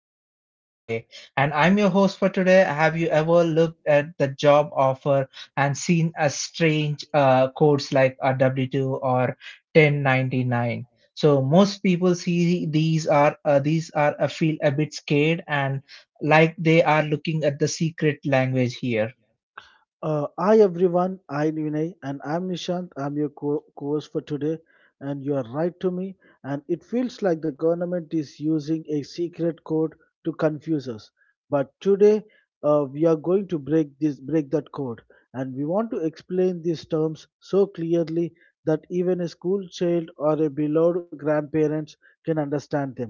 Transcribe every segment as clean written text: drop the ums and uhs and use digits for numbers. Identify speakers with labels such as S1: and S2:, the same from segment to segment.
S1: here with us today. And I'm your host for today. Have you ever looked at the job offer and seen a strange codes like a W-2 or 1099? So most people see these are feel a bit scared and like they are looking at the secret language here.
S2: Hi everyone, I'm Vinay and I'm Nishant. I'm your co host for today, and you are right to me. And it feels like the government is using a secret code to confuse us. But today, we are going to break that code, and we want to explain these terms so clearly that even a school child or a beloved grandparents can understand them.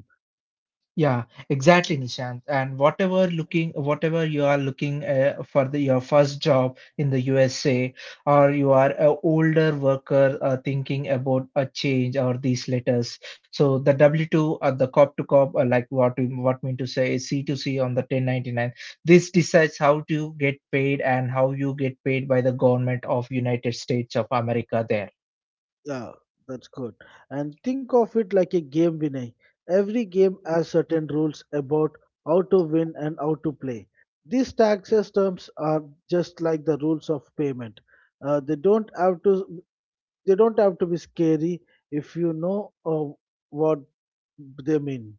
S1: Yeah, exactly, Nishant. And whatever you are looking for the your first job in the USA, or you are a older worker thinking about a change or these letters. So the W-2 or the cop to cop, like what we what mean to say is C-to-C on the 1099. This decides how to get paid and how you get paid by the government of United States of America there.
S2: Yeah, that's good. And think of it like a game, Vinay. Every game has certain rules about how to win and how to play. These tax systems are just like the rules of payment. Uh, they don't have to. They don't have to be scary if you know what they mean.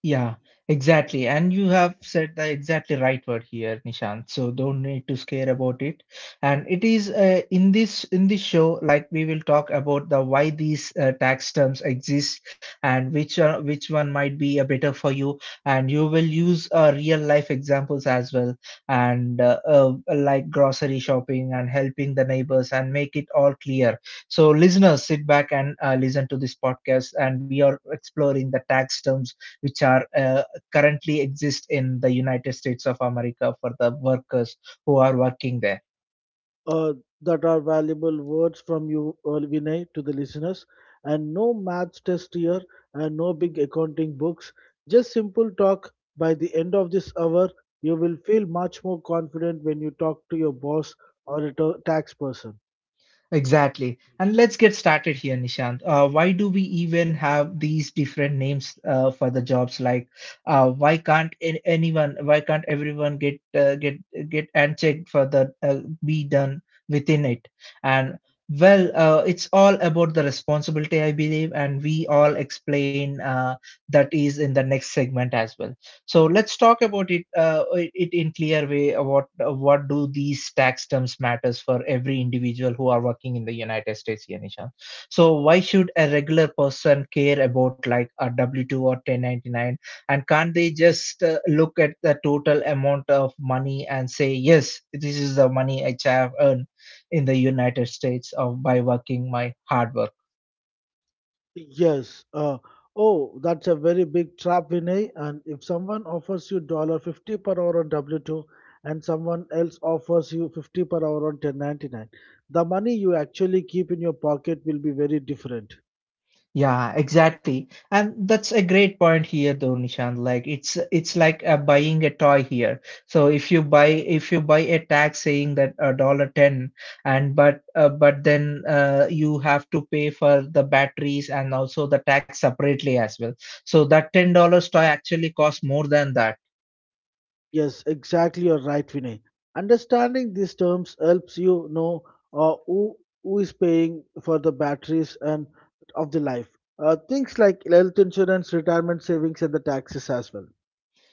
S1: Yeah, exactly. And you have said the exactly right word here, Nishant. So don't need to scare about it. And it is in this show, like we will talk about the why these tax terms exist and which one might be a better for you. And you will use real life examples as well, and like grocery shopping and helping the neighbors and make it all clear. So listeners, sit back and listen to this podcast, and we are exploring the tax terms which are currently exist in the United States of America for the workers who are working there.
S2: Uh, that are valuable words from you, Vinay, to the listeners. And no maths test here, and no big accounting books. Just simple talk. By the end of this hour, you will feel much more confident when you talk to your boss or a tax person.
S1: Exactly. And let's get started here, Nishant. Why do we even have these different names for the jobs? Like, why can't a- anyone, why can't everyone get get unchecked for the be done within it? And well, it's all about the responsibility, I believe, and we all explain that is in the next segment as well. So let's talk about it, it in clear way. What do these tax terms matters for every individual who are working in the United States, Yanisha? So why should a regular person care about like a W 2 or 1099? And can't they just look at the total amount of money and say yes, this is the money I have earned in the United States of by working my hard work?
S2: Yes. Oh, that's a very big trap, Vinay. And if someone offers you dollar 50 per hour on W two, and someone else offers you 50 per hour on 1099, the money you actually keep in your pocket will be very different.
S1: Yeah, exactly. And that's a great point here though, Nishan. Like it's like buying a toy here. So if you buy a tag saying that a dollar ten and but then you have to pay for the batteries and also the tax separately as well. So that $10 toy actually costs more than that.
S2: Yes, exactly. You're right, Vinay. Understanding these terms helps you know uh, who who is paying for the batteries and of the life. Things like health insurance, retirement savings, and the taxes as well.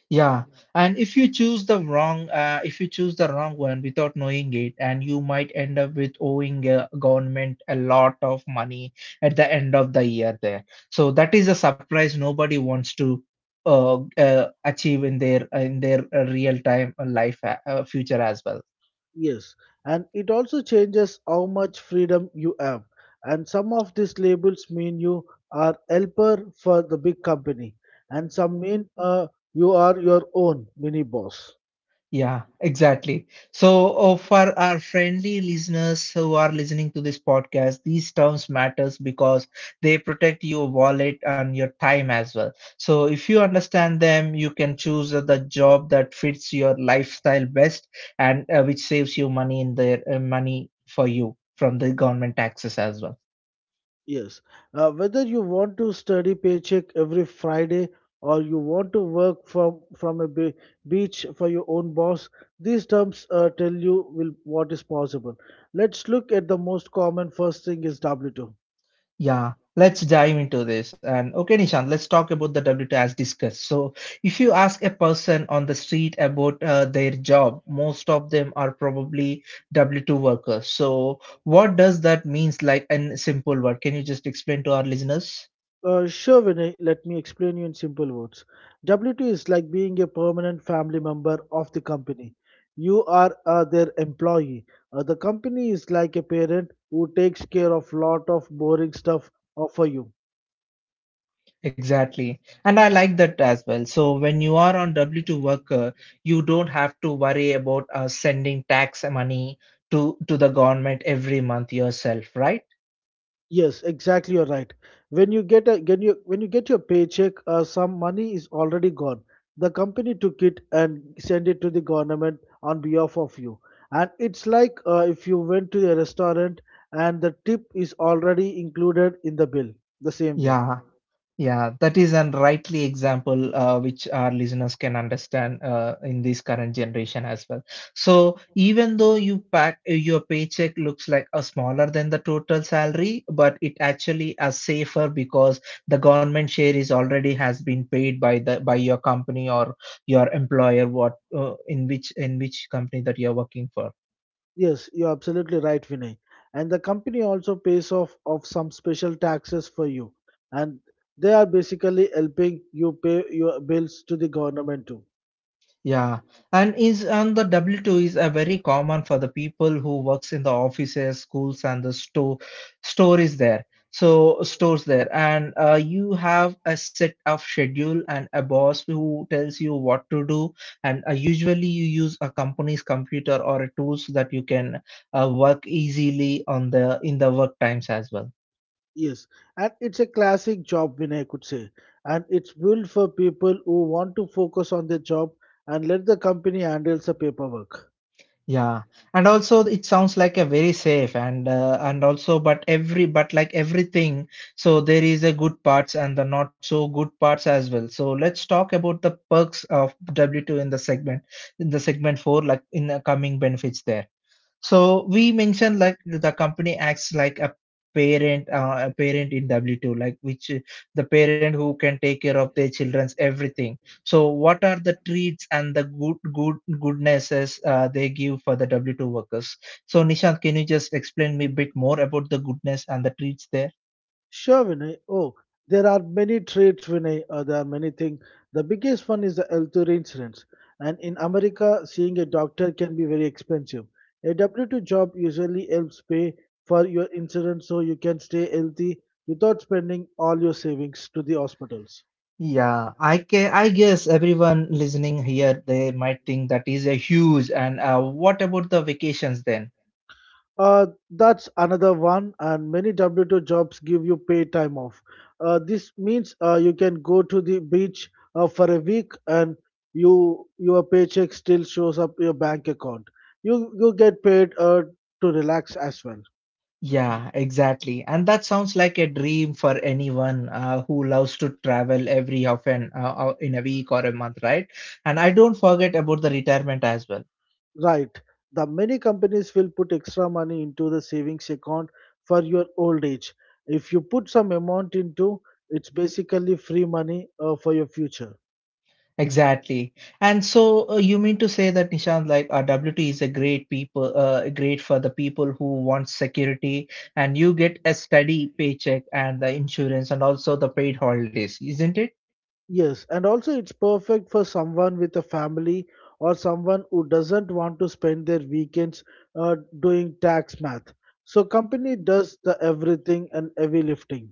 S1: Yeah, and if you choose the wrong, if you choose the wrong one without knowing it, and you might end up with owing a government a lot of money at the end of the year there. So that is a surprise nobody wants to achieve in their real time life future as well.
S2: Yes, and it also changes how much freedom you have. And some of these labels mean you are helper for the big company, and some mean you are your own mini boss.
S1: Yeah, exactly. So, for our friendly listeners who are listening to this podcast, these terms matters because they protect your wallet and your time as well. So, if you understand them, you can choose the job that fits your lifestyle best and which saves you money in their money for you from the government taxes as well.
S2: Yes, whether you want to study paycheck every Friday or you want to work from a beach for your own boss, these terms tell you will what is possible. Let's look at the most common. First thing is W two.
S1: Yeah, let's dive into this. And okay, Nishant, let's talk about the WT as discussed. So, if you ask a person on the street about their job, most of them are probably W-2 workers. So, what does that means like in simple word? Can you just explain to our listeners?
S2: Sure, Vinay, let me explain you in simple words. W2 is like being a permanent family member of the company. You are their employee. The company is like a parent who takes care of lot of boring stuff for you.
S1: Exactly. And I like that as well. So when you are on W-2 worker, you don't have to worry about sending tax money to the government every month yourself, right?
S2: Yes, exactly. You're right. When you get a when you get your paycheck, some money is already gone. The company took it and sent it to the government on behalf of you. And it's like if you went to a restaurant and the tip is already included in the bill. The same way.
S1: Yeah, yeah, that is an rightly example which our listeners can understand in this current generation as well. So even though your paycheck looks like a smaller than the total salary, but it actually is safer because the government share is already has been paid by the by your company or your employer what in which company that you're working for.
S2: Yes, you're absolutely right, Vinay. And the company also pays off of some special taxes for you, and they are basically helping you pay your bills to the government too.
S1: Yeah, and is and the W-2 is a very common for the people who works in the offices, schools, and the store is there. So stores there, and you have a set of schedule and a boss who tells you what to do. And usually you use a company's computer or a tools that you can work easily on the in the work times as well.
S2: Yes, and it's a classic job win, I could say. And it's built for people who want to focus on their job and let the company handle the paperwork.
S1: Yeah, and also it sounds like a very safe and and also but every but like everything, so there is a good parts and the not so good parts as well. So let's talk about the perks of W-2 in the segment four, like in the coming benefits there. So we mentioned like the company acts like a parent in W-2, like which the parent who can take care of their children's everything. So what are the treats and the goodnesses they give for the W-2 workers? So Nishant, can you just explain me a bit more about the goodness and the treats there?
S2: Sure, Vinay. Oh, there are many traits, Vinay. There are many things. The biggest one is the healthcare insurance. And in America, seeing a doctor can be very expensive. A W-2 job usually helps pay for your insurance so you can stay healthy without spending all your savings to the hospitals.
S1: Yeah, I guess everyone listening here, they might think that is a huge. And what about the vacations then?
S2: That's another one, and many W2 jobs give you pay time off. This means you can go to the beach for a week, and your paycheck still shows up your bank account. You get paid to relax as well,
S1: Yeah, exactly. And that sounds like a dream for anyone who loves to travel every often in a week or a month, right? And I don't forget about the retirement as well.
S2: right? The many companies will put extra money into the savings account for your old age. If you put some amount into, it's basically free money for your future.
S1: Exactly. And so you mean to say that Nishant, like WT is great for the people who want security, and you get a steady paycheck and the insurance and also the paid holidays, isn't it?
S2: Yes, and also it's perfect for someone with a family or someone who doesn't want to spend their weekends doing tax math. So company does the everything and heavy lifting.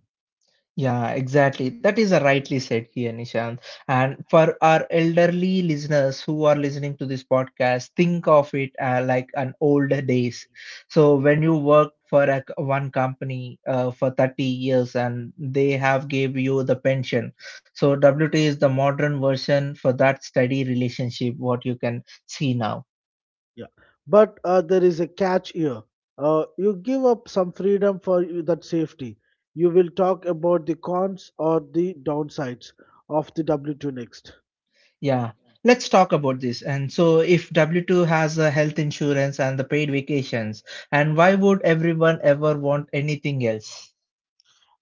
S1: Yeah, exactly. That is a rightly said here, Nishant. And for our elderly listeners who are listening to this podcast, think of it like an old days. So when you worked for one company for 30 years and they have gave you the pension. So WT is the modern version for that steady relationship, what you can see now.
S2: Yeah, but there is a catch here. You give up some freedom for that safety. You will talk about the cons or the downsides of the W2 next.
S1: Yeah, let's talk about this. And so, if W-2 has a health insurance and the paid vacations, and why would everyone ever want anything else?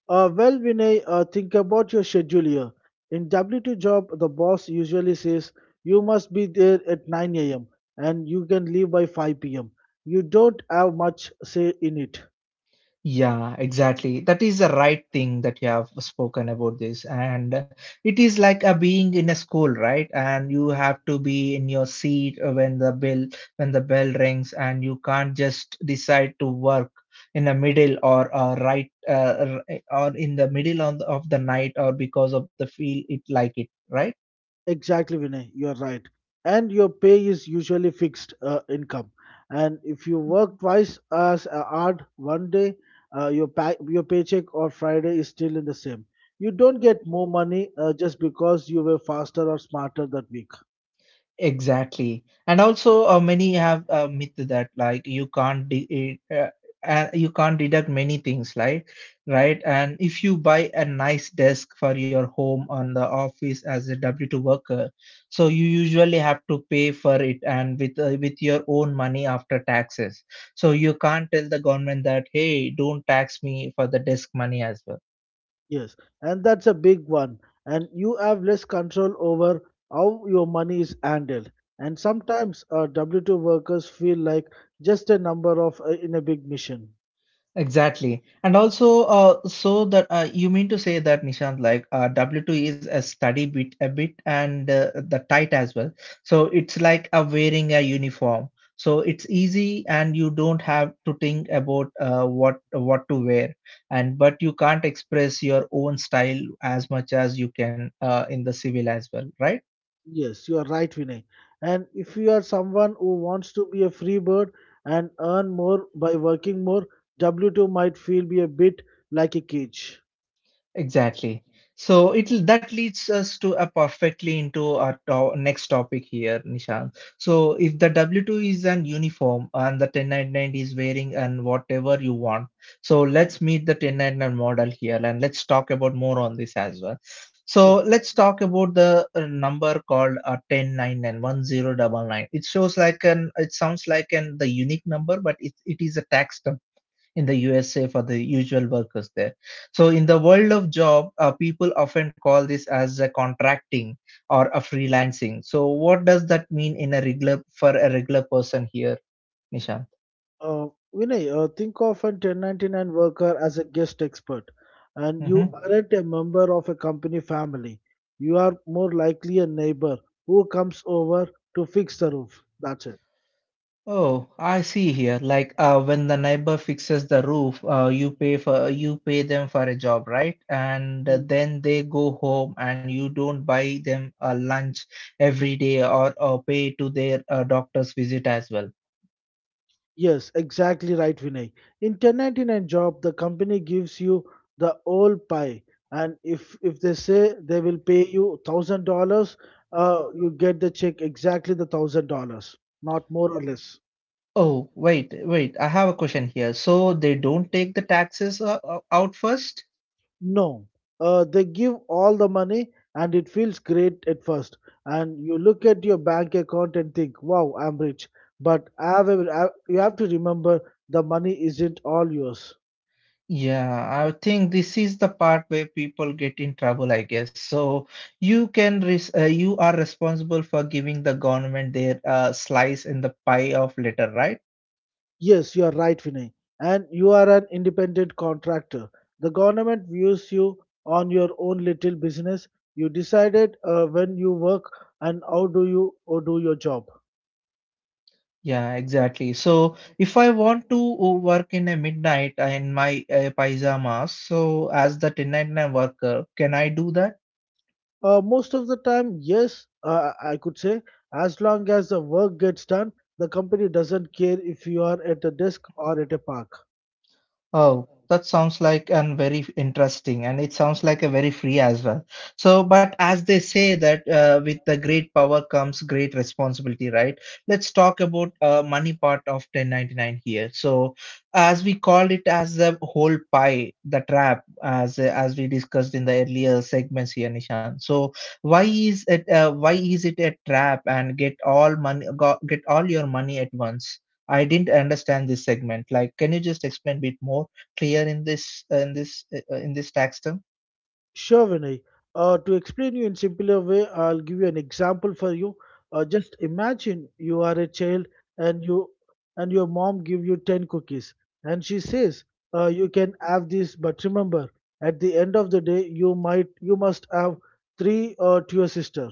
S2: Well, Vinay, think about your schedule here. In W2 job, the boss usually says you must be there at 9 a.m. and you can leave by 5 p.m. You don't have much say in it.
S1: Yeah, exactly. That is the right thing that you have spoken about this. And it is like a being in a school, right? And you have to be in your seat when the bell rings, and you can't just decide to work in the middle or or in the middle on of the night or because of the feel it like it, right?
S2: Exactly, Vinay, you're right. And your pay is usually fixed income. And if you work twice as hard one day, your paycheck on Friday is still in the same. You don't get more money just because you were faster or smarter that week.
S1: Exactly. And also, many have a myth that like you can't deduct many things, like right. And if you buy a nice desk for your home on the office as a W two worker, so you usually have to pay for it and with your own money after taxes. So you can't tell the government that hey, don't tax me for the desk money as well.
S2: Yes, and that's a big one. And you have less control over how your money is handled. And sometimes W 2 workers feel like just a number of in a big mission.
S1: Exactly. And also, so that you mean to say that Nishant, like W-2 is a study bit and the tight as well. So it's like a wearing a uniform. So it's easy and you don't have to think about what to wear. And but you can't express your own style as much as you can in the civil as well, right?
S2: Yes, you are right, Vinay. And if you are someone who wants to be a free bird and earn more by working more, W 2 might feel be a bit like a cage.
S1: Exactly. So it that leads us to a perfectly into our to next topic here, Nishan. So if the W-2 is an uniform and the 1099 is wearing and whatever you want, so let's meet the 1099 model here and let's talk about more on this as well. So
S2: Sure.
S1: let's talk about the number called a 1099 10 double nine. It shows like an it sounds like an the unique number, but it is a tax in the USA for the usual workers there. So in the world of job, people often call this as a contracting or a freelancing. So what does that mean in a regular for a regular person here, Nishant?
S2: Uh, Vinay, think of a 1099 worker as a guest expert, and you
S1: Hmm.
S2: Mhm. aren't a member of a company family. You are more likely a neighbor who comes over to fix the roof. That's it.
S1: Oh, I see here. Like when the neighbor fixes the roof, you pay for you pay them for a job, right? And
S2: Mm.
S1: then they go home, and you don't buy them a lunch every day or pay to their doctor's visit as well.
S2: Yes, exactly right, Vinay. In 1099 job, the company gives you the whole pie, and if they say they will pay you $1,000, you get the check exactly the $1,000, not more or less.
S1: Oh, wait, wait. I have a question here. So they don't take the taxes out first?
S2: No, they give all the money and it feels great at first. And you look at your bank account and think, wow, I'm rich. But I have you have to remember the money isn't all yours.
S1: Yeah, I think this is the part where people get in trouble, I guess. So you can res you are responsible for giving the government their slice in the pie of litter, right?
S2: Yes, you are right, Vinay. And you are an independent contractor. The government views you on your own little business. You decided when you work and how do you or do your job.
S1: Yeah, exactly. So if I want to work in a midnight in my pajamas, so as the 1099 worker, can I do that?
S2: Most of the time, yes, I could say, as long as the work gets done, the company doesn't care if you are at a desk or at a park.
S1: Oh, that sounds like and very interesting, and it sounds like a very free as well. So, but as they say that with the great power comes great responsibility, right? Let's talk about money part of 1099 here. So, as we called it as the whole pie, the trap, as we discussed in the earlier segments here, Nishan. So, why is it a trap and get all money go, get all your money at once? I didn't understand this segment. Like, can you just explain a bit more? Clear in this in this in this tax term?
S2: Sure, Vinay. To explain you in simpler way, I'll give you an example for you. Just imagine you are a child and you and your mom give you 10 cookies and she says you can have these, but remember at the end of the day you must have three to your sister.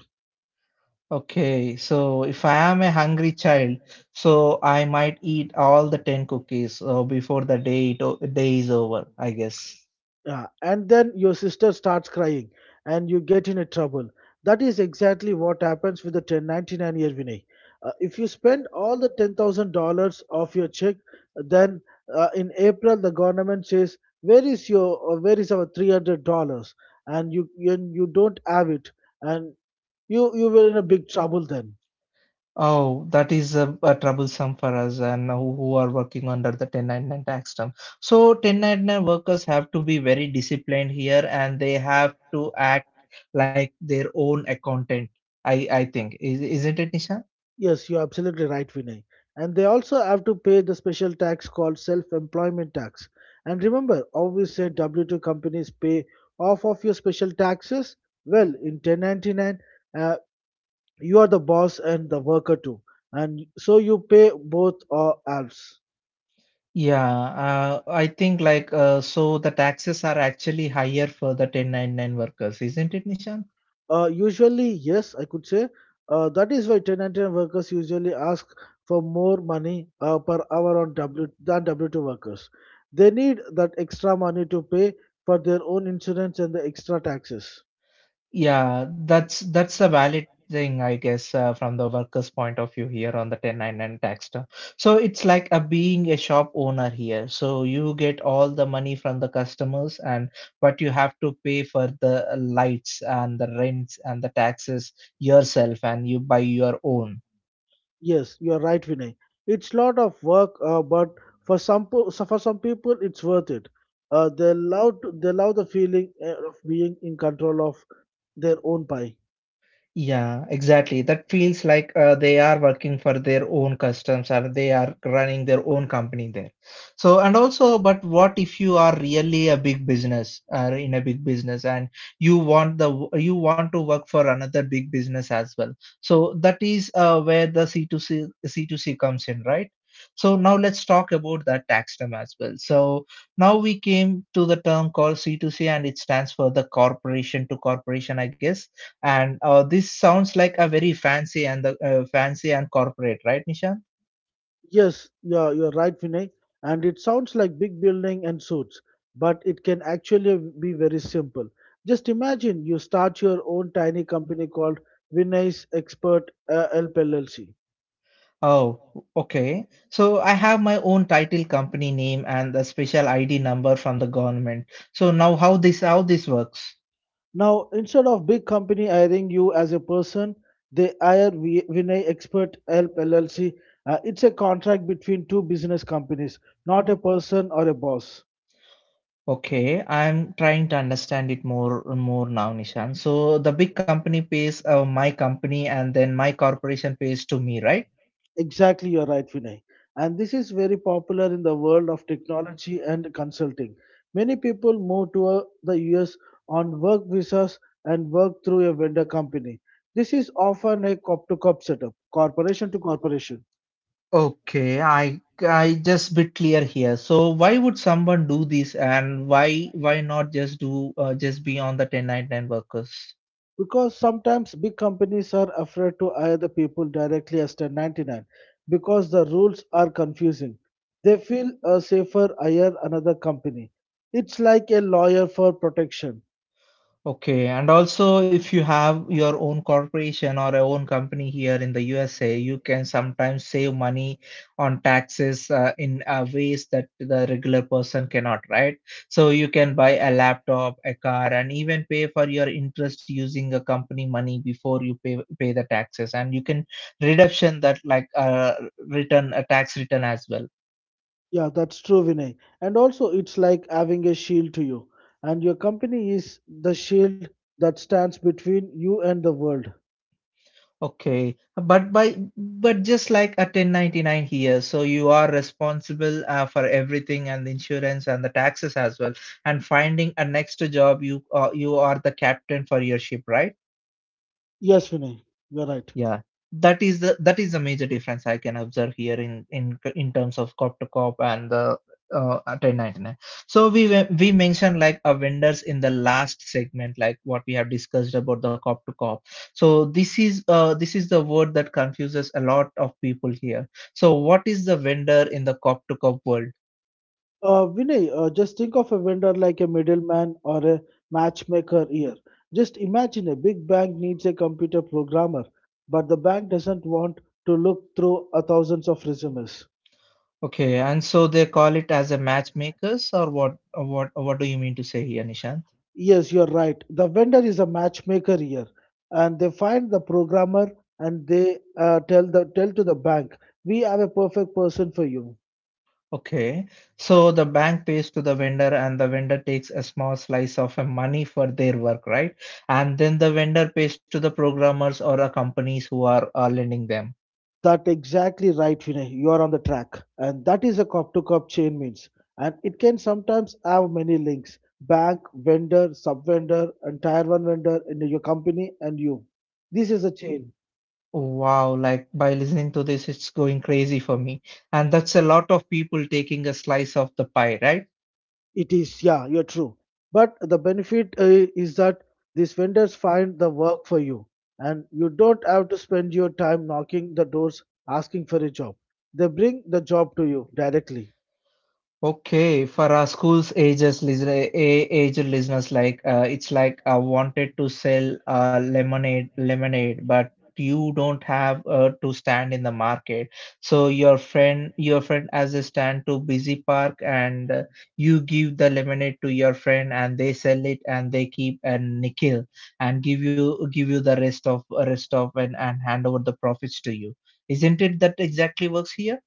S1: Okay, so if I am a hungry child, so I might eat all the 10 cookies before the day is over, I guess.
S2: Yeah, and then your sister starts crying and you get in a trouble. That is exactly what happens with the 1099-year Vinay. If you spend all the $10,000 of your check, then in April the government says, where is our $300? And you don't have it and you were in a big trouble then.
S1: Oh, that is troublesome for us and who are working under the 1099 tax system. So 1099 workers have to be very disciplined here and they have to act like their own accountant. I think is isn't it, Nisha?
S2: Yes, you're absolutely right, Vinay. And they also have to pay the special tax called self employment tax. And remember, always say W 2 companies pay off of your special taxes. Well, in 1099, uh, you are the boss and the worker too. And so you pay both or halves.
S1: Yeah, I think so the taxes are actually higher for the 1099 workers, isn't it, Nisha?
S2: Usually, yes, I could say. That is why 1099 workers usually ask for more money per hour on W than W2 workers. They need that extra money to pay for their own insurance and the extra taxes.
S1: Yeah, that's a valid thing, I guess, from the workers' point of view here on the 1099 tax term. So it's like a being a shop owner here. So you get all the money from the customers, and but you have to pay for the lights and the rents and the taxes yourself, and you buy your own.
S2: Yes, you are right, Vinay. It's lot of work, but for some for some people, it's worth it. They love the feeling of being in control of their own pie.
S1: Yeah, exactly. That feels like they are working for their own customs or they are running their own company there. So, and also, but what if you are really a big business or in a big business and you want to work for another big business as well? So that is where the C2C comes in, right? So now let's talk about that tax term as well. So now we came to the term called C2C and it stands for the corporation to corporation, I guess, and this sounds like a very fancy and the fancy and corporate, right, Nishan?
S2: Yes, yeah, you're right, Vinay. And it sounds like big building and suits, but it can actually be very simple. Just imagine you start your own tiny company called Vinay's Expert Help LLC.
S1: Oh, okay. So I have my own title, company name, and the special ID number from the government. So now how this works?
S2: Now, instead of big company hiring you as a person, they hire Vinay Expert Help LLC. It's a contract between two business companies, not a person or a boss.
S1: Okay, I'm trying to understand it more now, Nishan. So the big company pays my company, and then my corporation pays to me, right?
S2: Exactly, you're right, Vinay. And this is very popular in the world of technology and consulting. Many people move to the US on work visas and work through a vendor company. This is often a cop to cop setup, corporation to corporation,
S1: Okay, I just bit clear here. So why would someone do this and why not just be on the 1099 workers?
S2: because sometimes big companies are afraid to hire the people directly as 1099 because the rules are confusing. They feel safer hire another company. It's like a lawyer for protection.
S1: Okay, and also if you have your own corporation or a own company here in the USA, you can sometimes save money on taxes in ways that the regular person cannot, right? So you can buy a laptop, a car, and even pay for your interest using the company money before you pay the taxes, and you can reduction that like return a tax return as well.
S2: Yeah, that's true, Vinay. And also, it's like having a shield to you. And your company is the shield that stands between you and the world.
S1: Okay, but by but just like a 1099 here, so you are responsible for everything and the insurance and the taxes as well. And finding a next job, you are the captain for your ship, right?
S2: Yes, Vinay, you're right.
S1: Yeah, that is the major difference I can observe here in in terms of cop to cop and the 1099. So we mentioned like a vendors in the last segment, like what we have discussed about the cop to cop. So this is the word that confuses a lot of people here. So what is the vendor in the cop to cop world?
S2: Vinay, just think of a vendor like a middleman or a matchmaker here. Just imagine a big bank needs a computer programmer, but the bank doesn't want to look through a thousands of resumes.
S1: Okay, and so they call it as a matchmakers or what do you mean to say here, Nishan?
S2: Yes, you're right. The vendor is a matchmaker here, and they find the programmer and they tell to the bank, "We have a perfect person for you."
S1: Okay, so the bank pays to the vendor, and the vendor takes a small slice of a money for their work, right? And then the vendor pays to the programmers or the companies who are lending them.
S2: That exactly right, Vinay. You are on the track, and that is a cop to cop chain means, and it can sometimes have many links: bank, vendor, sub vendor, and tier one vendor in your company and you. This is a chain.
S1: Wow, like by listening to this, it's going crazy for me. And that's a lot of people taking a slice of the pie, right?
S2: It is, yeah, you're true. But the benefit is that these vendors find the work for you, and you don't have to spend your time knocking the doors asking for a job. They bring the job to you directly.
S1: Okay, for our schools ages lis- a- aged listeners, like it's like I wanted to sell lemonade, but you don't have to stand in the market. So your friend has a stand to busy park, and you give the lemonade to your friend, and they sell it, and they keep a nickel, and give you the rest of and hand over the profits to you. Isn't it that exactly works here?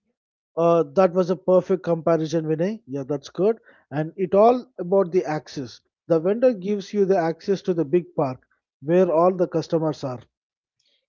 S2: That was a perfect comparison, Vinay. Yeah, that's good. And it all about the access. The vendor gives you the access to the big park where all the customers are.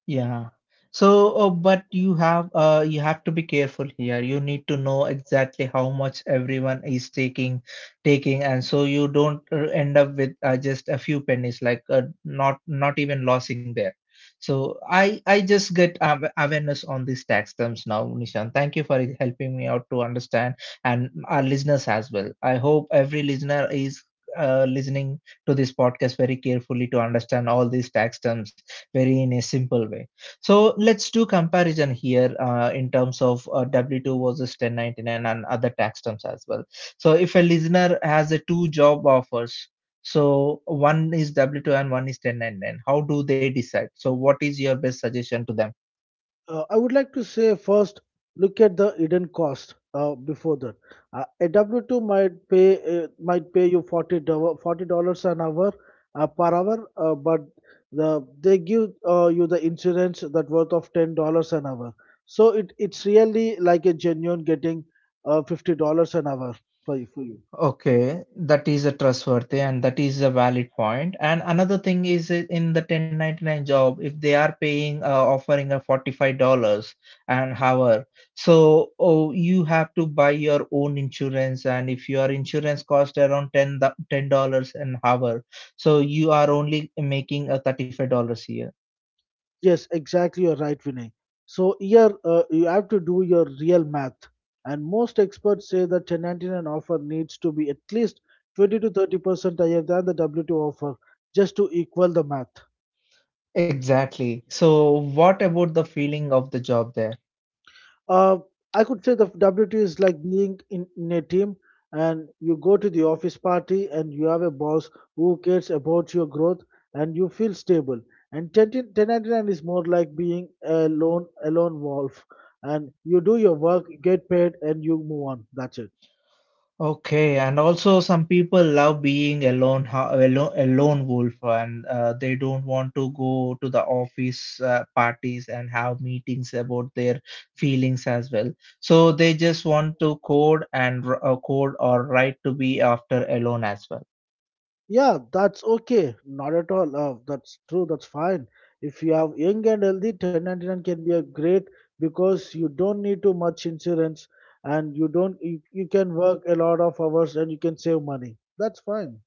S1: Yeah. So, but you have to be careful here. You need to know exactly how much everyone is taking, and so you don't end up with just a few pennies, like not even losing there. So I just get awareness on these tax terms now, Nishan. Thank you for helping me out to understand, and our listeners as well. I hope every listener is listening to this podcast very carefully to understand all these tax terms very in a simple way. So let's do comparison here in terms of W2 versus 1099 and other tax terms as well. So if a listener has a two job offers, so one is W2 and one is 1099, how do they decide? So what is your best suggestion to them?
S2: I would like to say first, look at the hidden cost before that. A W-2 might pay might pay you $40 $40 an hour per hour, but they give you the insurance that worth of $10 an hour. So it's really like a genuine getting $50 an hour for you.
S1: Okay, that is a trustworthy and that is a valid point. And another thing is in the 1099 job, if they are paying, offering a $45 an hour, so oh, you have to buy your own insurance. And if your insurance cost around 10, $10 an hour, so you are only making a $35 here.
S2: Yes, exactly. You're right, Vinay. So here you have to do your real math, and most experts say that 1099 offer needs to be at least 20 to 30% higher than the W2 offer just to equal the math.
S1: Exactly. So what about the feeling of the job there?
S2: Uh, I could say the WTO is like being in a team and you go to the office party and you have a boss who cares about your growth and you feel stable. And 10 1099 is more like being a lone wolf and you do your work, get paid, and you move on. That's it.
S1: Okay, and also some people love being alone, a lone wolf, and they don't want to go to the office parties and have meetings about their feelings as well. So they just want to code and code or write to be after alone as well.
S2: Yeah, that's okay. Not at all. That's true. That's fine. If you have young and healthy, 1099 can be a great because you don't need too much insurance and you don't you, you can work a lot of hours and you can save money. That's fine.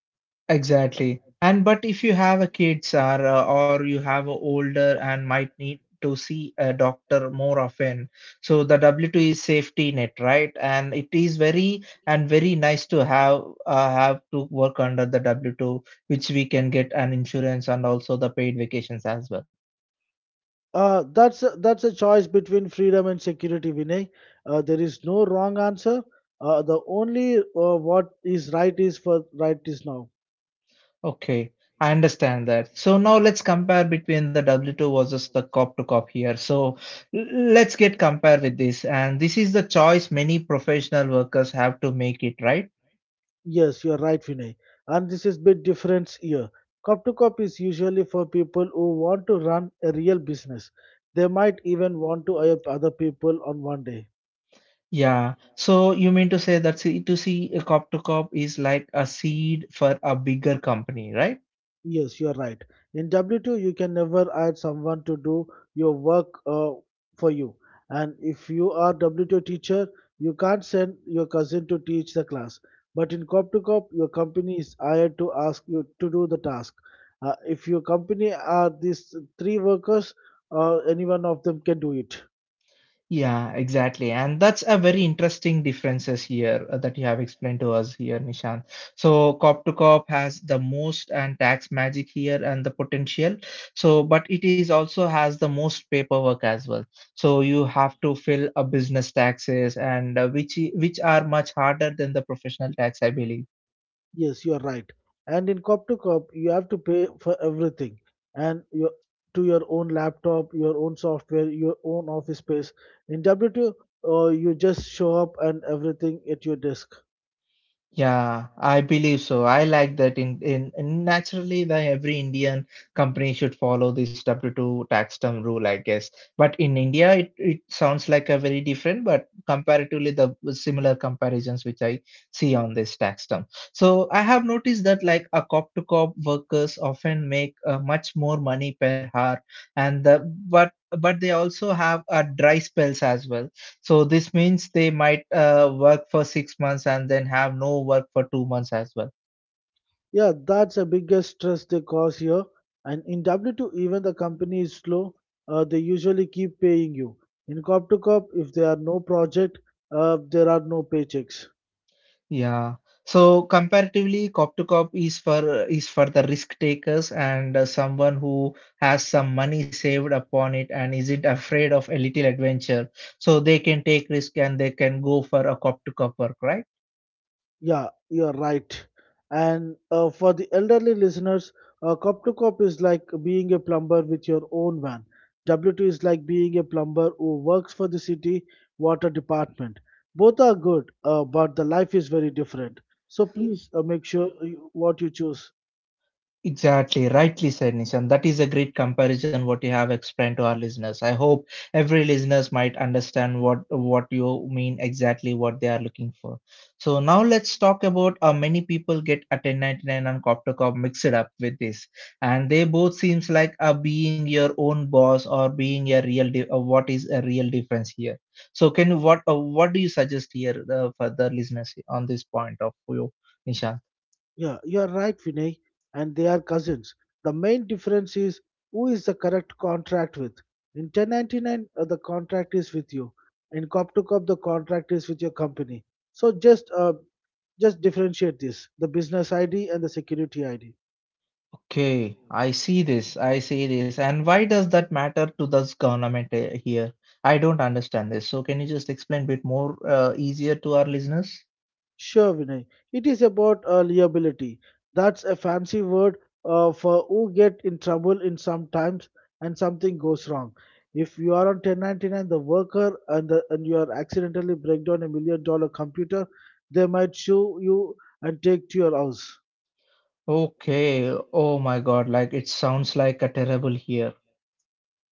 S1: Exactly. And but if you have a kids or you have a older and might need to see a doctor more often, so the W2 is safety net, right? And it is very nice to have to work under the W2, which we can get an insurance and also the paid vacations as well.
S2: That's a choice between freedom and security, Vinay. There is no wrong answer. The only what is right is for right is now.
S1: Okay, I understand that. So now let's compare between the W2 versus the cop to cop here. So l- let's get compare with this. And this is the choice many professional workers have to make it, right?
S2: Yes, you're right, Vinay. And this is bit difference here. Cop to cop is usually for people who want to run a real business. They might even want to hire other people on one day.
S1: Yeah. So you mean to say that c to C, a cop to cop is like a seed for a bigger company, right?
S2: Yes, you are right. In W2, you can never add someone to do your work for you. And if you are W2 teacher, you can't send your cousin to teach the class. But in cop to cop, your company is hired to ask you to do the task. If your company are these three workers, any one of them can do it.
S1: Yeah, exactly. And that's a very interesting differences here that you have explained to us here, Nishant. So cop to cop has the most and tax magic here and the potential. So, but it is also has the most paperwork as well. So you have to fill a business taxes and which are much harder than the professional tax, I believe.
S2: Yes, you are right. And in cop to cop, you have to pay for everything, and your to your own laptop, your own software, your own office space. In W2, you just show up and everything at your desk.
S1: Yeah, I believe so. I like that in naturally the every Indian company should follow this W2 tax term rule, I guess. But in India, it sounds like a very different, but comparatively the similar comparisons which I see on this tax term. So I have noticed that like a cop to cop workers often make much more money per hour and the, but they also have dry spells as well, so this means they might work for 6 months and then have no work for 2 months as well.
S2: Yeah, that's the biggest stress they cause here. And in W2, even the company is slow, they usually keep paying you. In cop to cop, if there are no project, there are no paychecks.
S1: Yeah. So comparatively, cop to cop is for the risk takers and someone who has some money saved upon it and isn't afraid of a little adventure. So they can take risk and they can go for a cop to cop work, right?
S2: Yeah, you're right. And for the elderly listeners, cop to cop is like being a plumber with your own van. W2 is like being a plumber who works for the city water department. Both are good, but the life is very different. So please make sure what you choose.
S1: Exactly, rightly said, Nishan. That is a great comparison what you have explained to our listeners. I hope every listeners might understand what you mean exactly what they are looking for. So now let's talk about how many people get a 1099 and Copter Cop mixed up with this, and they both seems like a being your own boss or being a real what is a real difference here. So can you what do you suggest here for the listeners on this point of view, Nishan?
S2: Yeah, you are right, Vinay, and they are cousins. The main difference is who is the correct contract with. In 1099, the contract is with you. In cop to cop, the contract is with your company. So just differentiate this: the business ID and the security ID.
S1: Okay, I see this. I see this. And why does that matter to this government here? I don't understand this. So can you just explain a bit more easier to our listeners?
S2: Sure, Vinay. It is about liability. That's a fancy word for who get in trouble in some times and something goes wrong. If you are on 1099, the worker, and you are accidentally break down a $1 million computer, they might sue you and take to your house.
S1: Okay. Oh my God. Like it sounds like a terrible here.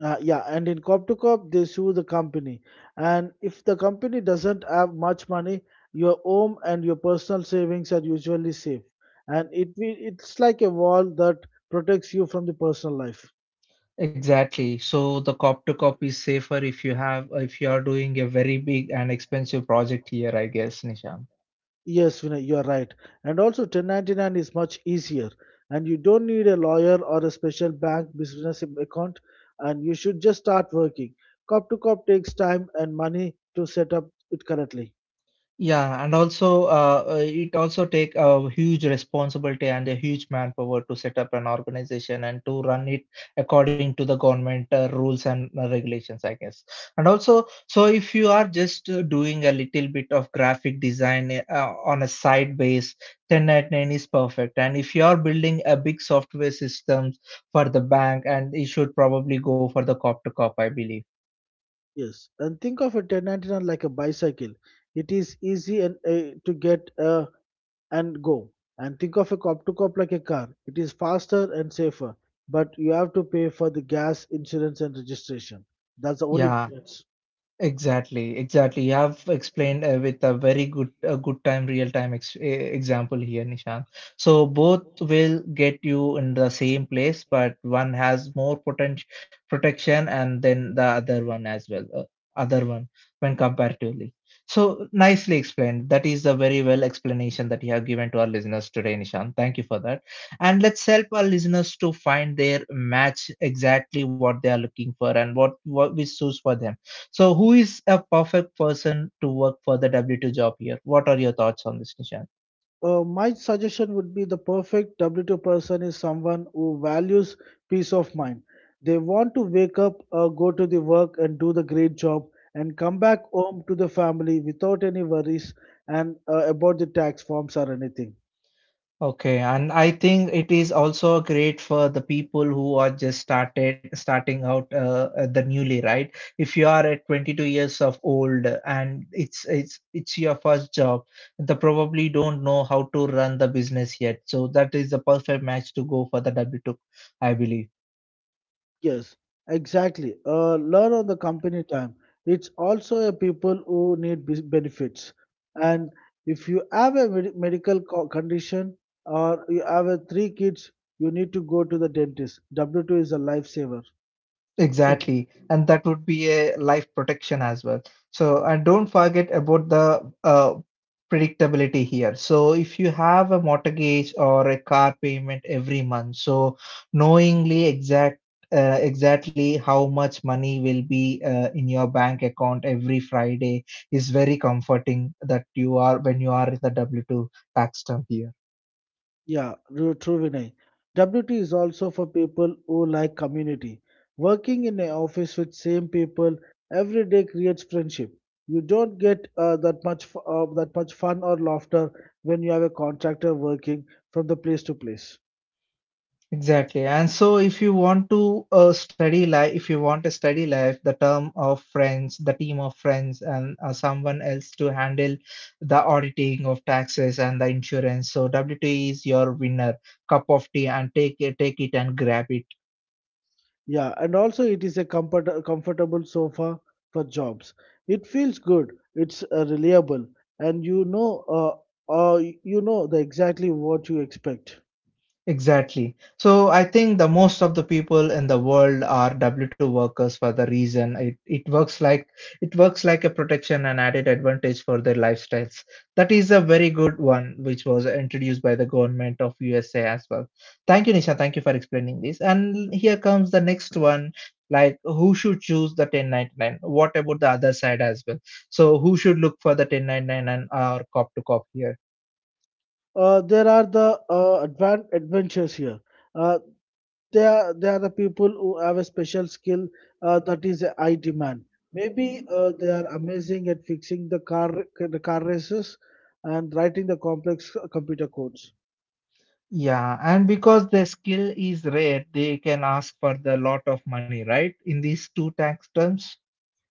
S2: Yeah, and in cop to cop, they sue the company. And if the company doesn't have much money, your home and your personal savings are usually safe. And it's like a wall that protects you from the personal life.
S1: Exactly. So the cop to cop is safer if you have if you are doing a very big and expensive project here, I guess, Nisha.
S2: Yes, Vinay, you are right. And also, 1099 is much easier, and you don't need a lawyer or a special bank business account. And you should just start working. Cop to cop takes time and money to set up it correctly.
S1: Yeah, and also it also take a huge responsibility and a huge manpower to set up an organization and to run it according to the government rules and regulations, I guess. And also, so if you are just doing a little bit of graphic design on a side base, 1099 is perfect. And if you are building a big software systems for the bank, and you should probably go for the cop to cop, I believe.
S2: Yes, and think of a 1099 like a bicycle. It is easy and to get and go. And think of a cop to cop like a car. It is faster and safer, but you have to pay for the gas, insurance, and registration. That's the only
S1: Yeah,
S2: difference.
S1: exactly, exactly. You have explained with a very good, a good time, real time example here, Nishant. So both will get you in the same place, but one has more potential protection, and then the other one as well, other one when comparatively. So nicely explained. That is a very well explanation that you have given to our listeners today, Nishant. Thank you for that. And let's help our listeners to find their match exactly what they are looking for and what we choose for them so, who is a perfect person to work for the W2 job here? What are your thoughts on this, Nishant?
S2: My suggestion would be the perfect W2 person is someone who values peace of mind. They want to wake up, go to the work and do the great job and come back home to the family without any worries and about the tax forms or anything.
S1: Okay, and I think it is also great for the people who are just started starting out the newly, right? If you are at 22 years of old and it's your first job, they probably don't know how to run the business yet. So that is the perfect match to go for the W2, I believe.
S2: Yes, exactly. Learn on the company time. It's also a people who need benefits. And if you have a medical condition or you have a 3 kids, you need to go to the dentist. W2 is a lifesaver.
S1: Exactly, and that would be a life protection as well. So, and don't forget about the predictability here. So, if you have a mortgage or a car payment every month, so knowingly exactly how much money will be in your bank account every Friday is very comforting that you are when you are in the W2 tax term here.
S2: Yeah, true, true, Vinay. WT is also for people who like community. Working in an office with same people every day creates friendship. You don't get that much fun or laughter when you have a contractor working from the place to place.
S1: Exactly. And so if you want to if you want a study life, the term of friends, the team of friends, and someone else to handle the auditing of taxes and the insurance. So WT is your winner. Cup of tea and take it and grab it.
S2: Yeah, and also it is a comfortable sofa for jobs. It feels good. It's reliable, and uh, you know the exactly what you expect.
S1: Exactly. So I think the most of the people in the world are W2 workers for the reason it works like a protection and added advantage for their lifestyles. That is a very good one which was introduced by the government of USA as well. Thank you, Nisha. Thank you for explaining this. And here comes the next one, like who should choose the 1099? What about the other side as well? So who should look for the 1099 and or cop to cop here?
S2: There are the advanced adventures here. Uh, they are the people who have a special skill that is a high demand. Maybe they are amazing at fixing the car races and writing the complex computer codes.
S1: Yeah, and because the skill is rare, they can ask for the lot of money, right? In these two tax terms.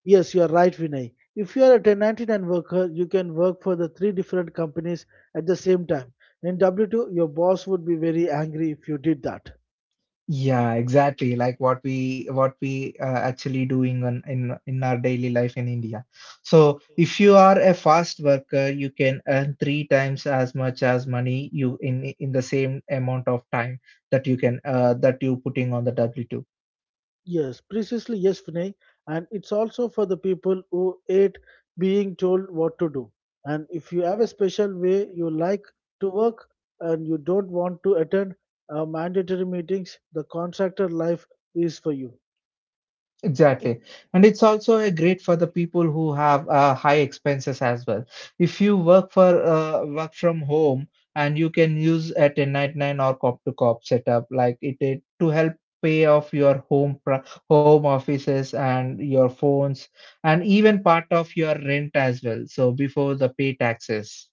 S2: Yes, you are right, Vinay. If you are a 1099 worker, you can work for the 3 different companies at the same time. In W2, your boss would be very angry if you did that.
S1: Yeah, exactly. Like what we actually doing on, in our daily life in India. So if you are a fast worker, you can earn three times as much as money you in the same amount of time that you can that you putting on the W two.
S2: Yes, precisely, yes, Vinay. And it's also for the people who hate being told what to do. And if you have a special way you like to work and you don't want to attend mandatory meetings, the contractor life is for you.
S1: Exactly. And it's also a great for the people who have high expenses as well. If you work for work from home and you can use a 1099 or cop to cop setup like it to help pay off your home offices and your phones and even part of your rent as well. So before the pay taxes.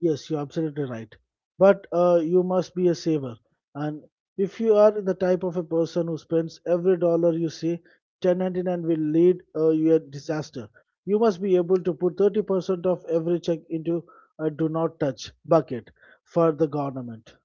S2: Yes, you're absolutely right. But you must be a saver. And if you are the type of a person who spends every dollar you see, 1099 will lead you a disaster. You must be able to put 30% of every check into a do not touch bucket for the government.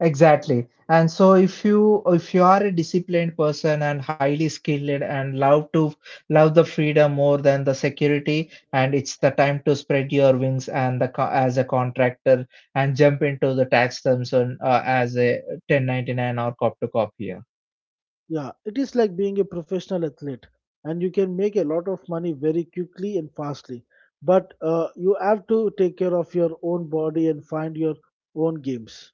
S1: Exactly. And so if you are a disciplined person and highly skilled and love the freedom more than the security, and it's the time to spread your wings and the co- as a contractor and jump into the tax terms on as a 1099 or cop to cop here.
S2: Yeah, it is like being a professional athlete, and you can make a lot of money very quickly and fastly. But you have to take care of your own body and find your own games.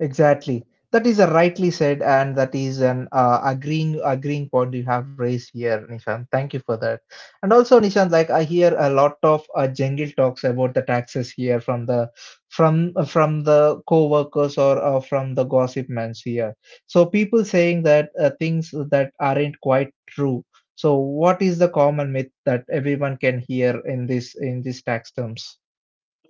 S1: Exactly. That is a rightly said, and that is an agreeing point you have raised here, Nishant. Thank you for that. And also, Nishant, like I hear a lot of jungle talks about the taxes here from the from the co-workers or from the gossip mans here. So people saying that things that aren't quite true. So what is the common myth that everyone can hear in this in these tax terms?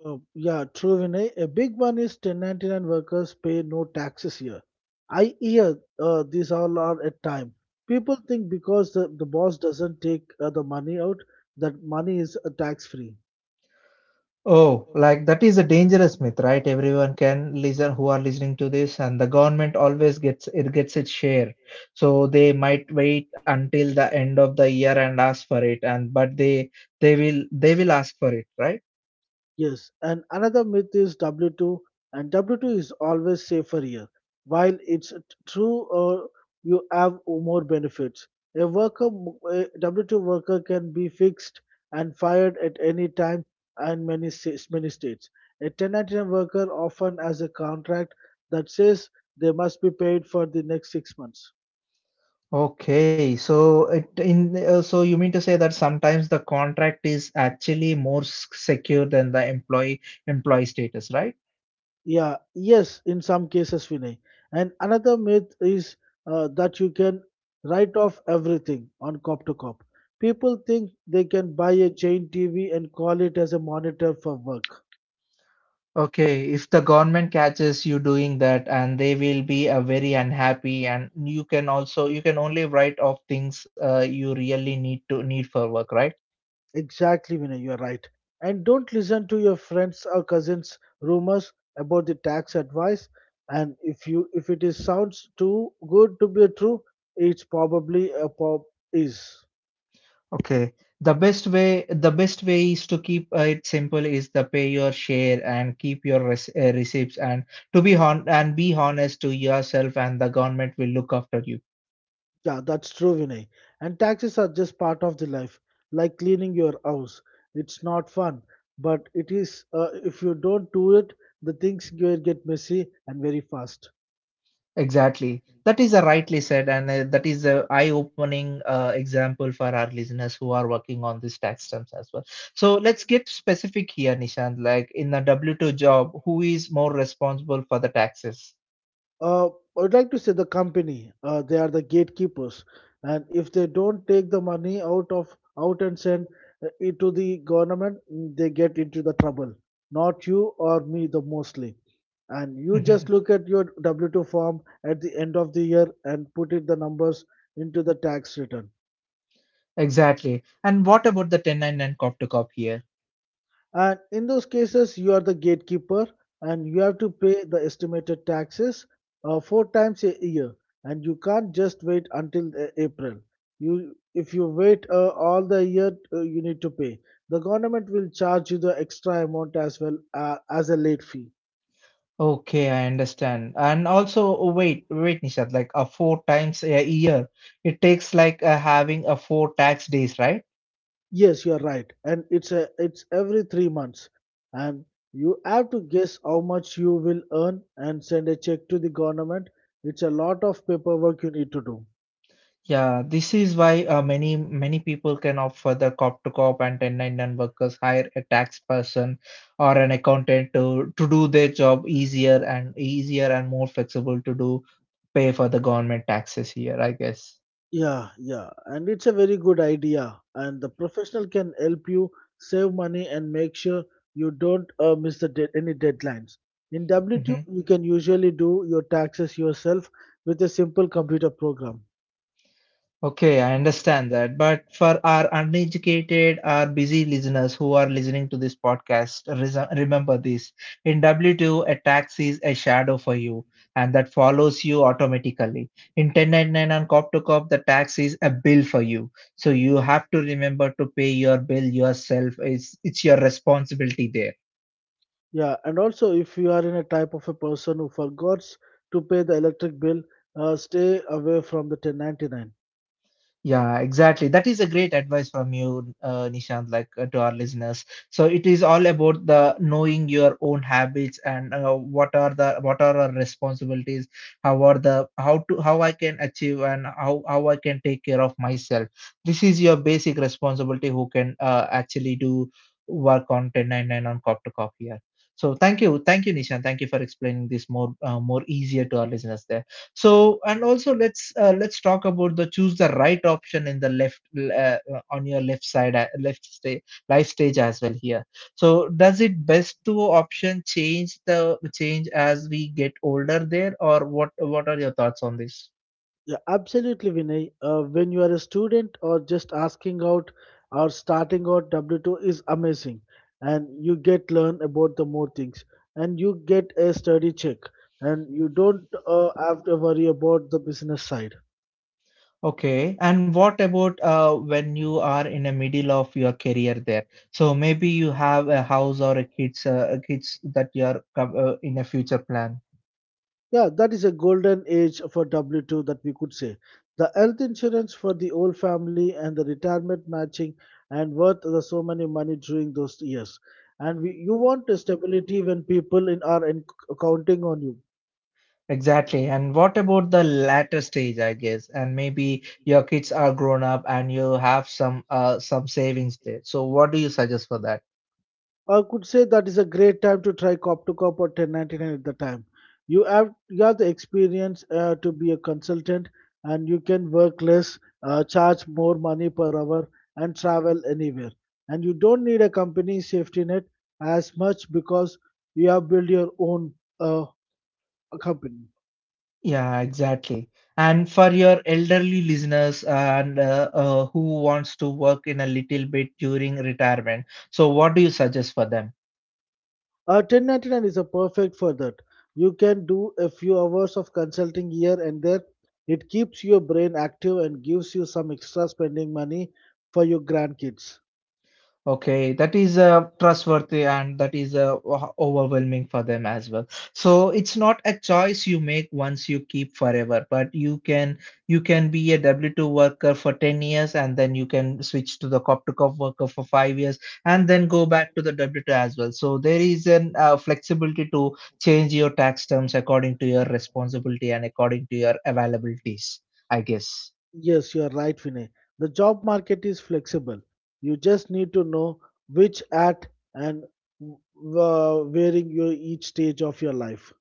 S2: Yeah, true, Vinay. A big one is 1099 workers pay no taxes here. I hear these all are at time. People think because the boss doesn't take the money out, that money is tax free.
S1: Oh, like that is a dangerous myth, right? Everyone can listen who are listening to this, and the government always gets its share. So they might wait until the end of the year and ask for it, and but they will ask for it, right?
S2: Yes, and another myth is W2, and W2 is always safer here. While true, you have more benefits. A worker, a W2 worker can be fixed and fired at any time and many states, many states. A 1099 worker often has a contract that says they must be paid for the next 6 months.
S1: Okay, so it in so you mean to say that sometimes the contract is actually more secure than the employee status, right?
S2: Yeah, yes, in some cases, Vinay. And another myth is that you can write off everything on cop to cop. People think they can buy a chain TV and call it as a monitor for work.
S1: Okay, if the government catches you doing that, and they will be very unhappy, and you can only write off things you really need for work, right?
S2: Exactly, Vinay, you're right. And don't listen to your friends or cousins' rumors about the tax advice. And if it is sounds too good to be true, it's probably a pop is.
S1: Okay. The best way is to keep it simple is the pay your share and keep your receipts and to be honest to yourself and the government will look after you.
S2: Yeah, that's true, Vinay. And taxes are just part of the life, like cleaning your house. It's not fun, but it is. If you don't do it, the things will get messy and very fast.
S1: Exactly. That is a rightly said and that is a eye-opening example for our listeners who are working on these tax terms as well. So let's get specific here, Nishant. Like in the W-2 job, who is more responsible for the taxes?
S2: I would like to say the company, they are the gatekeepers, and if they don't take the money out and send it to the government, mm, they get into the trouble. Not you or me, the mostly. And you
S1: Mhm.
S2: just look at your W-2 form at the end of the year and put in the numbers into the tax return.
S1: Exactly. And what about the 1099 cop to cop here?
S2: And in those cases, you are the gatekeeper and you have to pay the estimated taxes 4 times a year. And you can't just wait until April. You, if you wait all the year, you need to pay. The government will charge you the extra amount as well as a late fee.
S1: Okay, I understand. And also, oh, wait, wait, Nishad, like a four times a year, it takes like having a four tax days, right?
S2: Yes, you are right, and it's every 3 months, and you have to guess how much you will earn and send a check to the government. It's a lot of paperwork you need to do.
S1: Yeah, this is why many people can opt for the cop to cop and 1099 workers hire a tax person or an accountant to do their job easier and more flexible to do pay for the government taxes here, I guess.
S2: Yeah, yeah, and it's a very good idea. And the professional can help you save money and make sure you don't miss any deadlines. In W2,
S1: Mm-hmm.
S2: you can usually do your taxes yourself with a simple computer program.
S1: Okay, I understand that. But for our uneducated our busy listeners who are listening to this podcast, remember this. In W2, a tax is a shadow for you and that follows you automatically. In 1099 and COP to COP, the tax is a bill for you. So you have to remember to pay your bill yourself. It's your responsibility there.
S2: Yeah, and also if you are in a type of a person who forgets to pay the electric bill, stay away from the 1099.
S1: Yeah, exactly. That is a great advice from you, Nishant, like to our listeners. So it is all about the knowing your own habits and what are our responsibilities, how are the how to how I can achieve and how I can take care of myself. This is your basic responsibility who can actually do work on 1099 on cop to cop here. So thank you, Nishant. Thank you for explaining this more more easier to our listeners there so and also let's talk about the choose the right option in the left on your left side left stage life stage as well here so does it best to option change the change as we get older there or what are your thoughts on this.
S2: Yeah, absolutely, Vinay. When you are a student or just asking out or starting out, W2 is amazing, and you get learn about the more things, and you get a study check, and you don't have to worry about the business side.
S1: Okay, and what about when you are in the middle of your career there? So maybe you have a house or a kids, that you are in a future plan.
S2: Yeah, that is a golden age for W2 that we could say. The health insurance for the whole family and the retirement matching and worth the so many money during those years. And we, you want a stability when people in are in, counting on you.
S1: Exactly. And what about the latter stage, I guess? And maybe your kids are grown up and you have some savings there. So what do you suggest for that?
S2: I could say that is a great time to try cop to cop or 1099 at the time. You have the experience to be a consultant, and you can work less, charge more money per hour, and travel anywhere. And you don't need a company safety net as much because you have built your own uh, company.
S1: Yeah, exactly. And for your elderly listeners and who wants to work in a little bit during retirement, so what do you suggest for them?
S2: 1099 is a perfect for that. You can do a few hours of consulting here and there. It keeps your brain active and gives you some extra spending money for your grandkids.
S1: Okay, that is trustworthy and that is overwhelming for them as well. So it's not a choice you make once you keep forever, but you can be a W-2 worker for 10 years and then you can switch to the cop to cop worker for 5 years and then go back to the W-2 as well. So there is an flexibility to change your tax terms according to your responsibility and according to your availabilities, I guess.
S2: Yes, you are right, Vinay. The job market is flexible. You just need to know which at and where in your each stage of your life.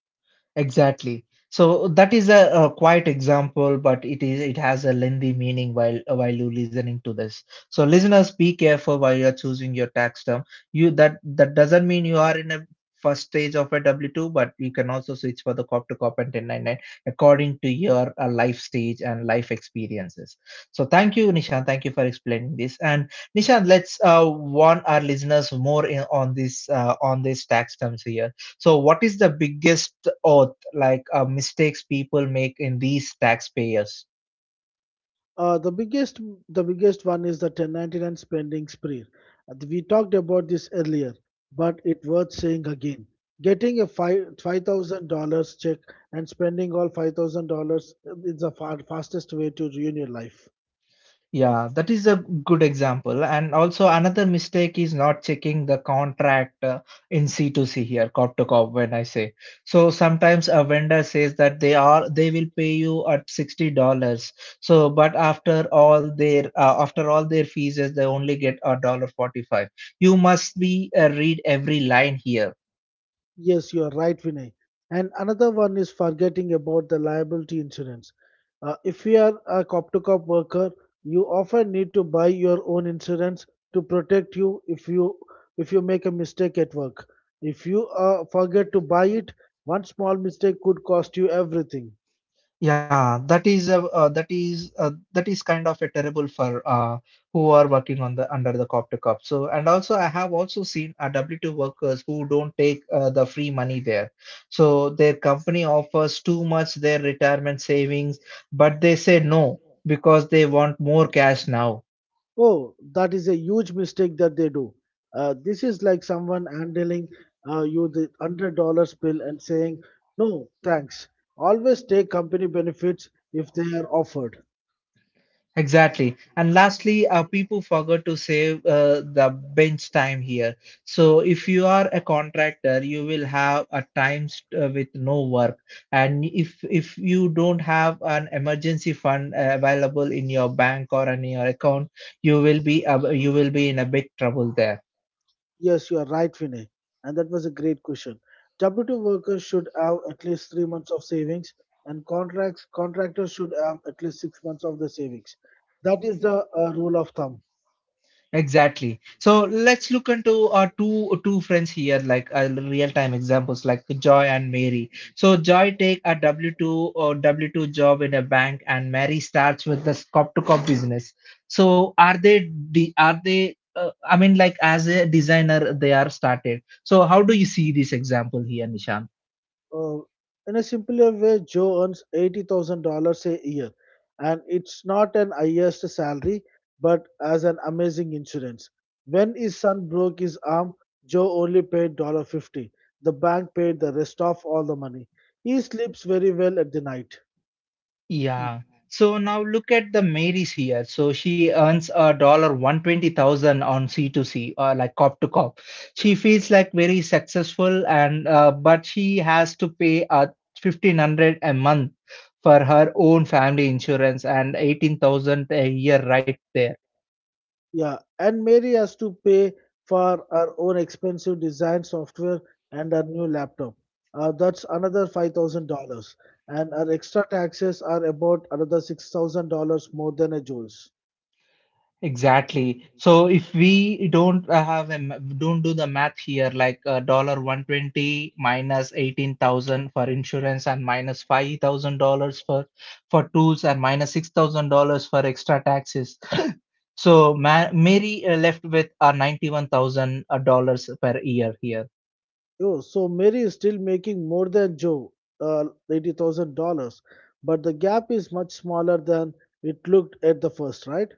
S1: Exactly. So that is a quiet example, but it has a lengthy meaning while you listening to this. So listeners, be careful while you're choosing your tax term. You that that doesn't mean you are in a first stage of a W two, but you can also switch for the cop to cop and 1099 according to your life stage and life experiences. So thank you, Nishan. Thank you for explaining this. And Nishan, let's warn our listeners on this on these tax terms here. So, what is the biggest oath like mistakes people make in these taxpayers?
S2: Uh, the biggest the biggest one is the 1099 spending spree. We talked about this earlier, but it worth saying again. Getting a five thousand dollars check and spending all $5,000 is the fastest way to ruin your life.
S1: Yeah, that is a good example. And also another mistake is not checking the contract in c to c here, cop to cop when I say. So sometimes a vendor says that they will pay you at $60. So but after all their fees is they only get a dollar 45. You must be read every line here.
S2: Yes, you are right, Vinay. And another one is forgetting about the liability insurance. If you are a cop to cop worker, you often need to buy your own insurance to protect you if you make a mistake at work. If you forget to buy it, one small mistake could cost you everything.
S1: Yeah, that is that is kind of a terrible for who are working on the under the cop to cop. So and also I have also seen W2 workers who don't take the free money there. So their company offers too much their retirement savings, but they say no because they want more cash now.
S2: Oh, that is a huge mistake that they do. This is like someone handling you the $100 bill and saying, "No, thanks." Always take company benefits if they are offered.
S1: Exactly. And lastly, people forgot to save the bench time here. So if you are a contractor, you will have a time with no work. And if you don't have an emergency fund available in your bank or in your account, you will be in a big trouble there.
S2: Yes, you are right, Vinay, and that was a great question. W two workers should have at least 3 months of savings, and contracts contractors should have at least 6 months of the savings. That is the rule of thumb.
S1: Exactly. So let's look into our two friends here, like real time examples, like Joy and Mary. So Joy take a W two job in a bank, and Mary starts with the cop to cop business. So are they? I mean, like as a designer, they are started. So how do you see this example here, Nishant?
S2: Uh, in a simpler way, Joe earns $80,000 a year, and it's not an highest salary, but as an amazing insurance. When his son broke his arm, Joe only paid 50. The bank paid the rest of all the money. He sleeps very well at the night.
S1: Yeah. So now look at the Marys here. So she earns a dollar 120,000 on C to C, like cop to cop. She feels like very successful, and but she has to pay 1,500 a month for her own family insurance and 18,000 a year right there.
S2: Yeah, and Mary has to pay for her own expensive design software and her new laptop. That's another $5,000, and her extra taxes are about another $6,000 more than a Joe's.
S1: Exactly. So if we don't have a don't do the math here, like dollar 120 minus 18,000 for insurance and minus $5,000 for tools and minus $6,000 for extra taxes. So Mary left with 91,000 dollars per year here.
S2: Oh, so Mary is still making more than Joe, uh, $80,000, but the gap is much smaller than it looked at the first, right?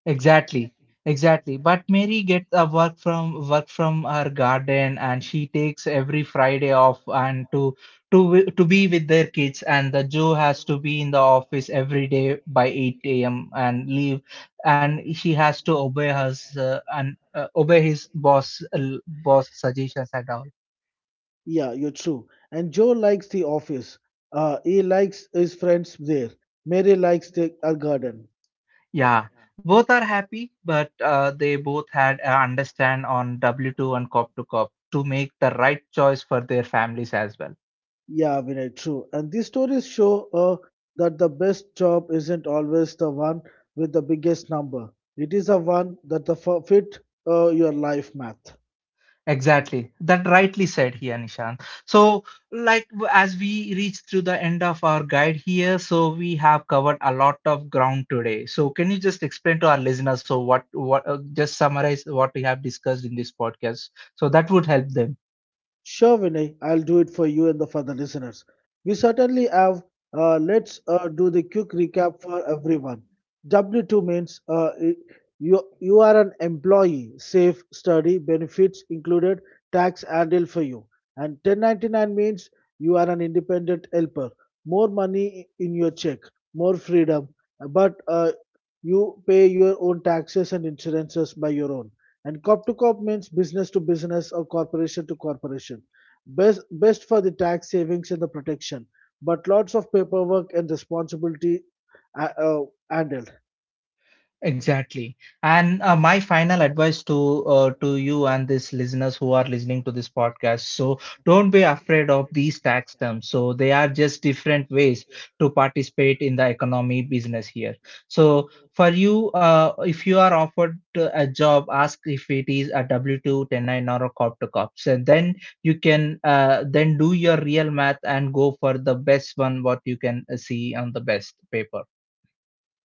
S1: Exactly, exactly. But Mary gets a work from her garden, and she takes every Friday off and to to be with their kids. And the Joe has to be in the office every day by eight a.m. and leave, and she has to obey his and obey his boss suggestions at all.
S2: Yeah, you're true. And Joe likes the office. He likes his friends there. Mary likes the, her garden.
S1: Yeah, both are happy, but they both had a understand on W two and cop to cop to make the right choice for their families as well.
S2: Yeah, Vinay, true. And these stories show that the best job isn't always the one with the biggest number. It is the one that fit your life math.
S1: Exactly. That rightly said here, Nishant. So, like as we reach through the end of our guide here, so we have covered a lot of ground today. So, can you just explain to our listeners so what just summarize what we have discussed in this podcast so that would help them.
S2: Sure, Vinay, I'll do it for you and the, for the listeners. We certainly have. Let's do the quick recap for everyone. W2 means you, you are an employee, safe, study, benefits included, tax handled for you. And 1099 means you are an independent helper, more money in your check, more freedom, but you pay your own taxes and insurances by your own. And corp to corp means business to business or corporation to corporation. Best for the tax savings and the protection, but lots of paperwork and responsibility uh, uh, handled.
S1: Exactly. And my final advice to you and these listeners who are listening to this podcast. So don't be afraid of these tax terms. So they are just different ways to participate in the economy business here. So for you, if you are offered a job, ask if it is a W two ten nine or a cop to cop. So then you can then do your real math and go for the best one what you can see on the best paper.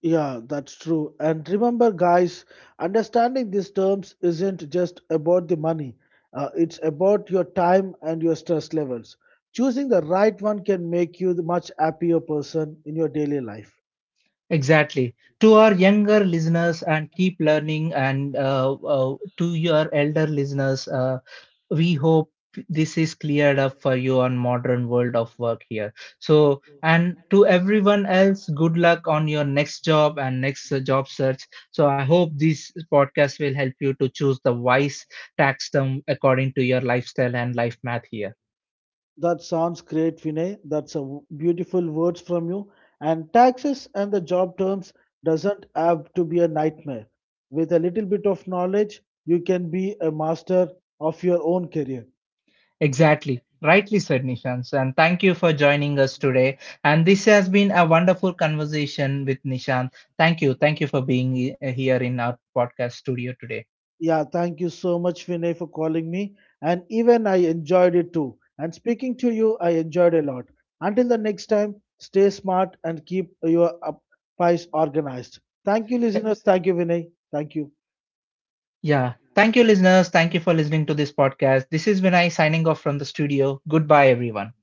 S2: Yeah, that's true. And remember, guys, understanding these terms isn't just about the money, it's about your time and your stress levels. Choosing the right one can make you the much happier person in your daily life.
S1: Exactly. To our younger listeners and keep learning, and to your elder listeners, we hope this is cleared up for you on modern world of work here. So, and to everyone else, good luck on your next job and next job search. So, I hope this podcast will help you to choose the wise tax term according to your lifestyle and life math here.
S2: That sounds great, Vinay. That's beautiful words from you. And taxes and the job terms doesn't have to be a nightmare. With a little bit of knowledge, you can be a master of your own career.
S1: Exactly. Rightly said, Nishant. And thank you for joining us today. And this has been a wonderful conversation with Nishant. Thank you. Thank you for being here in our podcast studio today.
S2: Yeah, thank you so much, Vinay, for calling me. And even I enjoyed it too. And speaking to you, I enjoyed a lot. Until the next time, stay smart and keep your files organized. Thank you,
S1: Uh,
S2: listeners. Thank you, Vinay. Thank you.
S1: Yeah. Thank you, listeners. Thank you for listening to this podcast. This is Vinay signing off from the studio. Goodbye, everyone.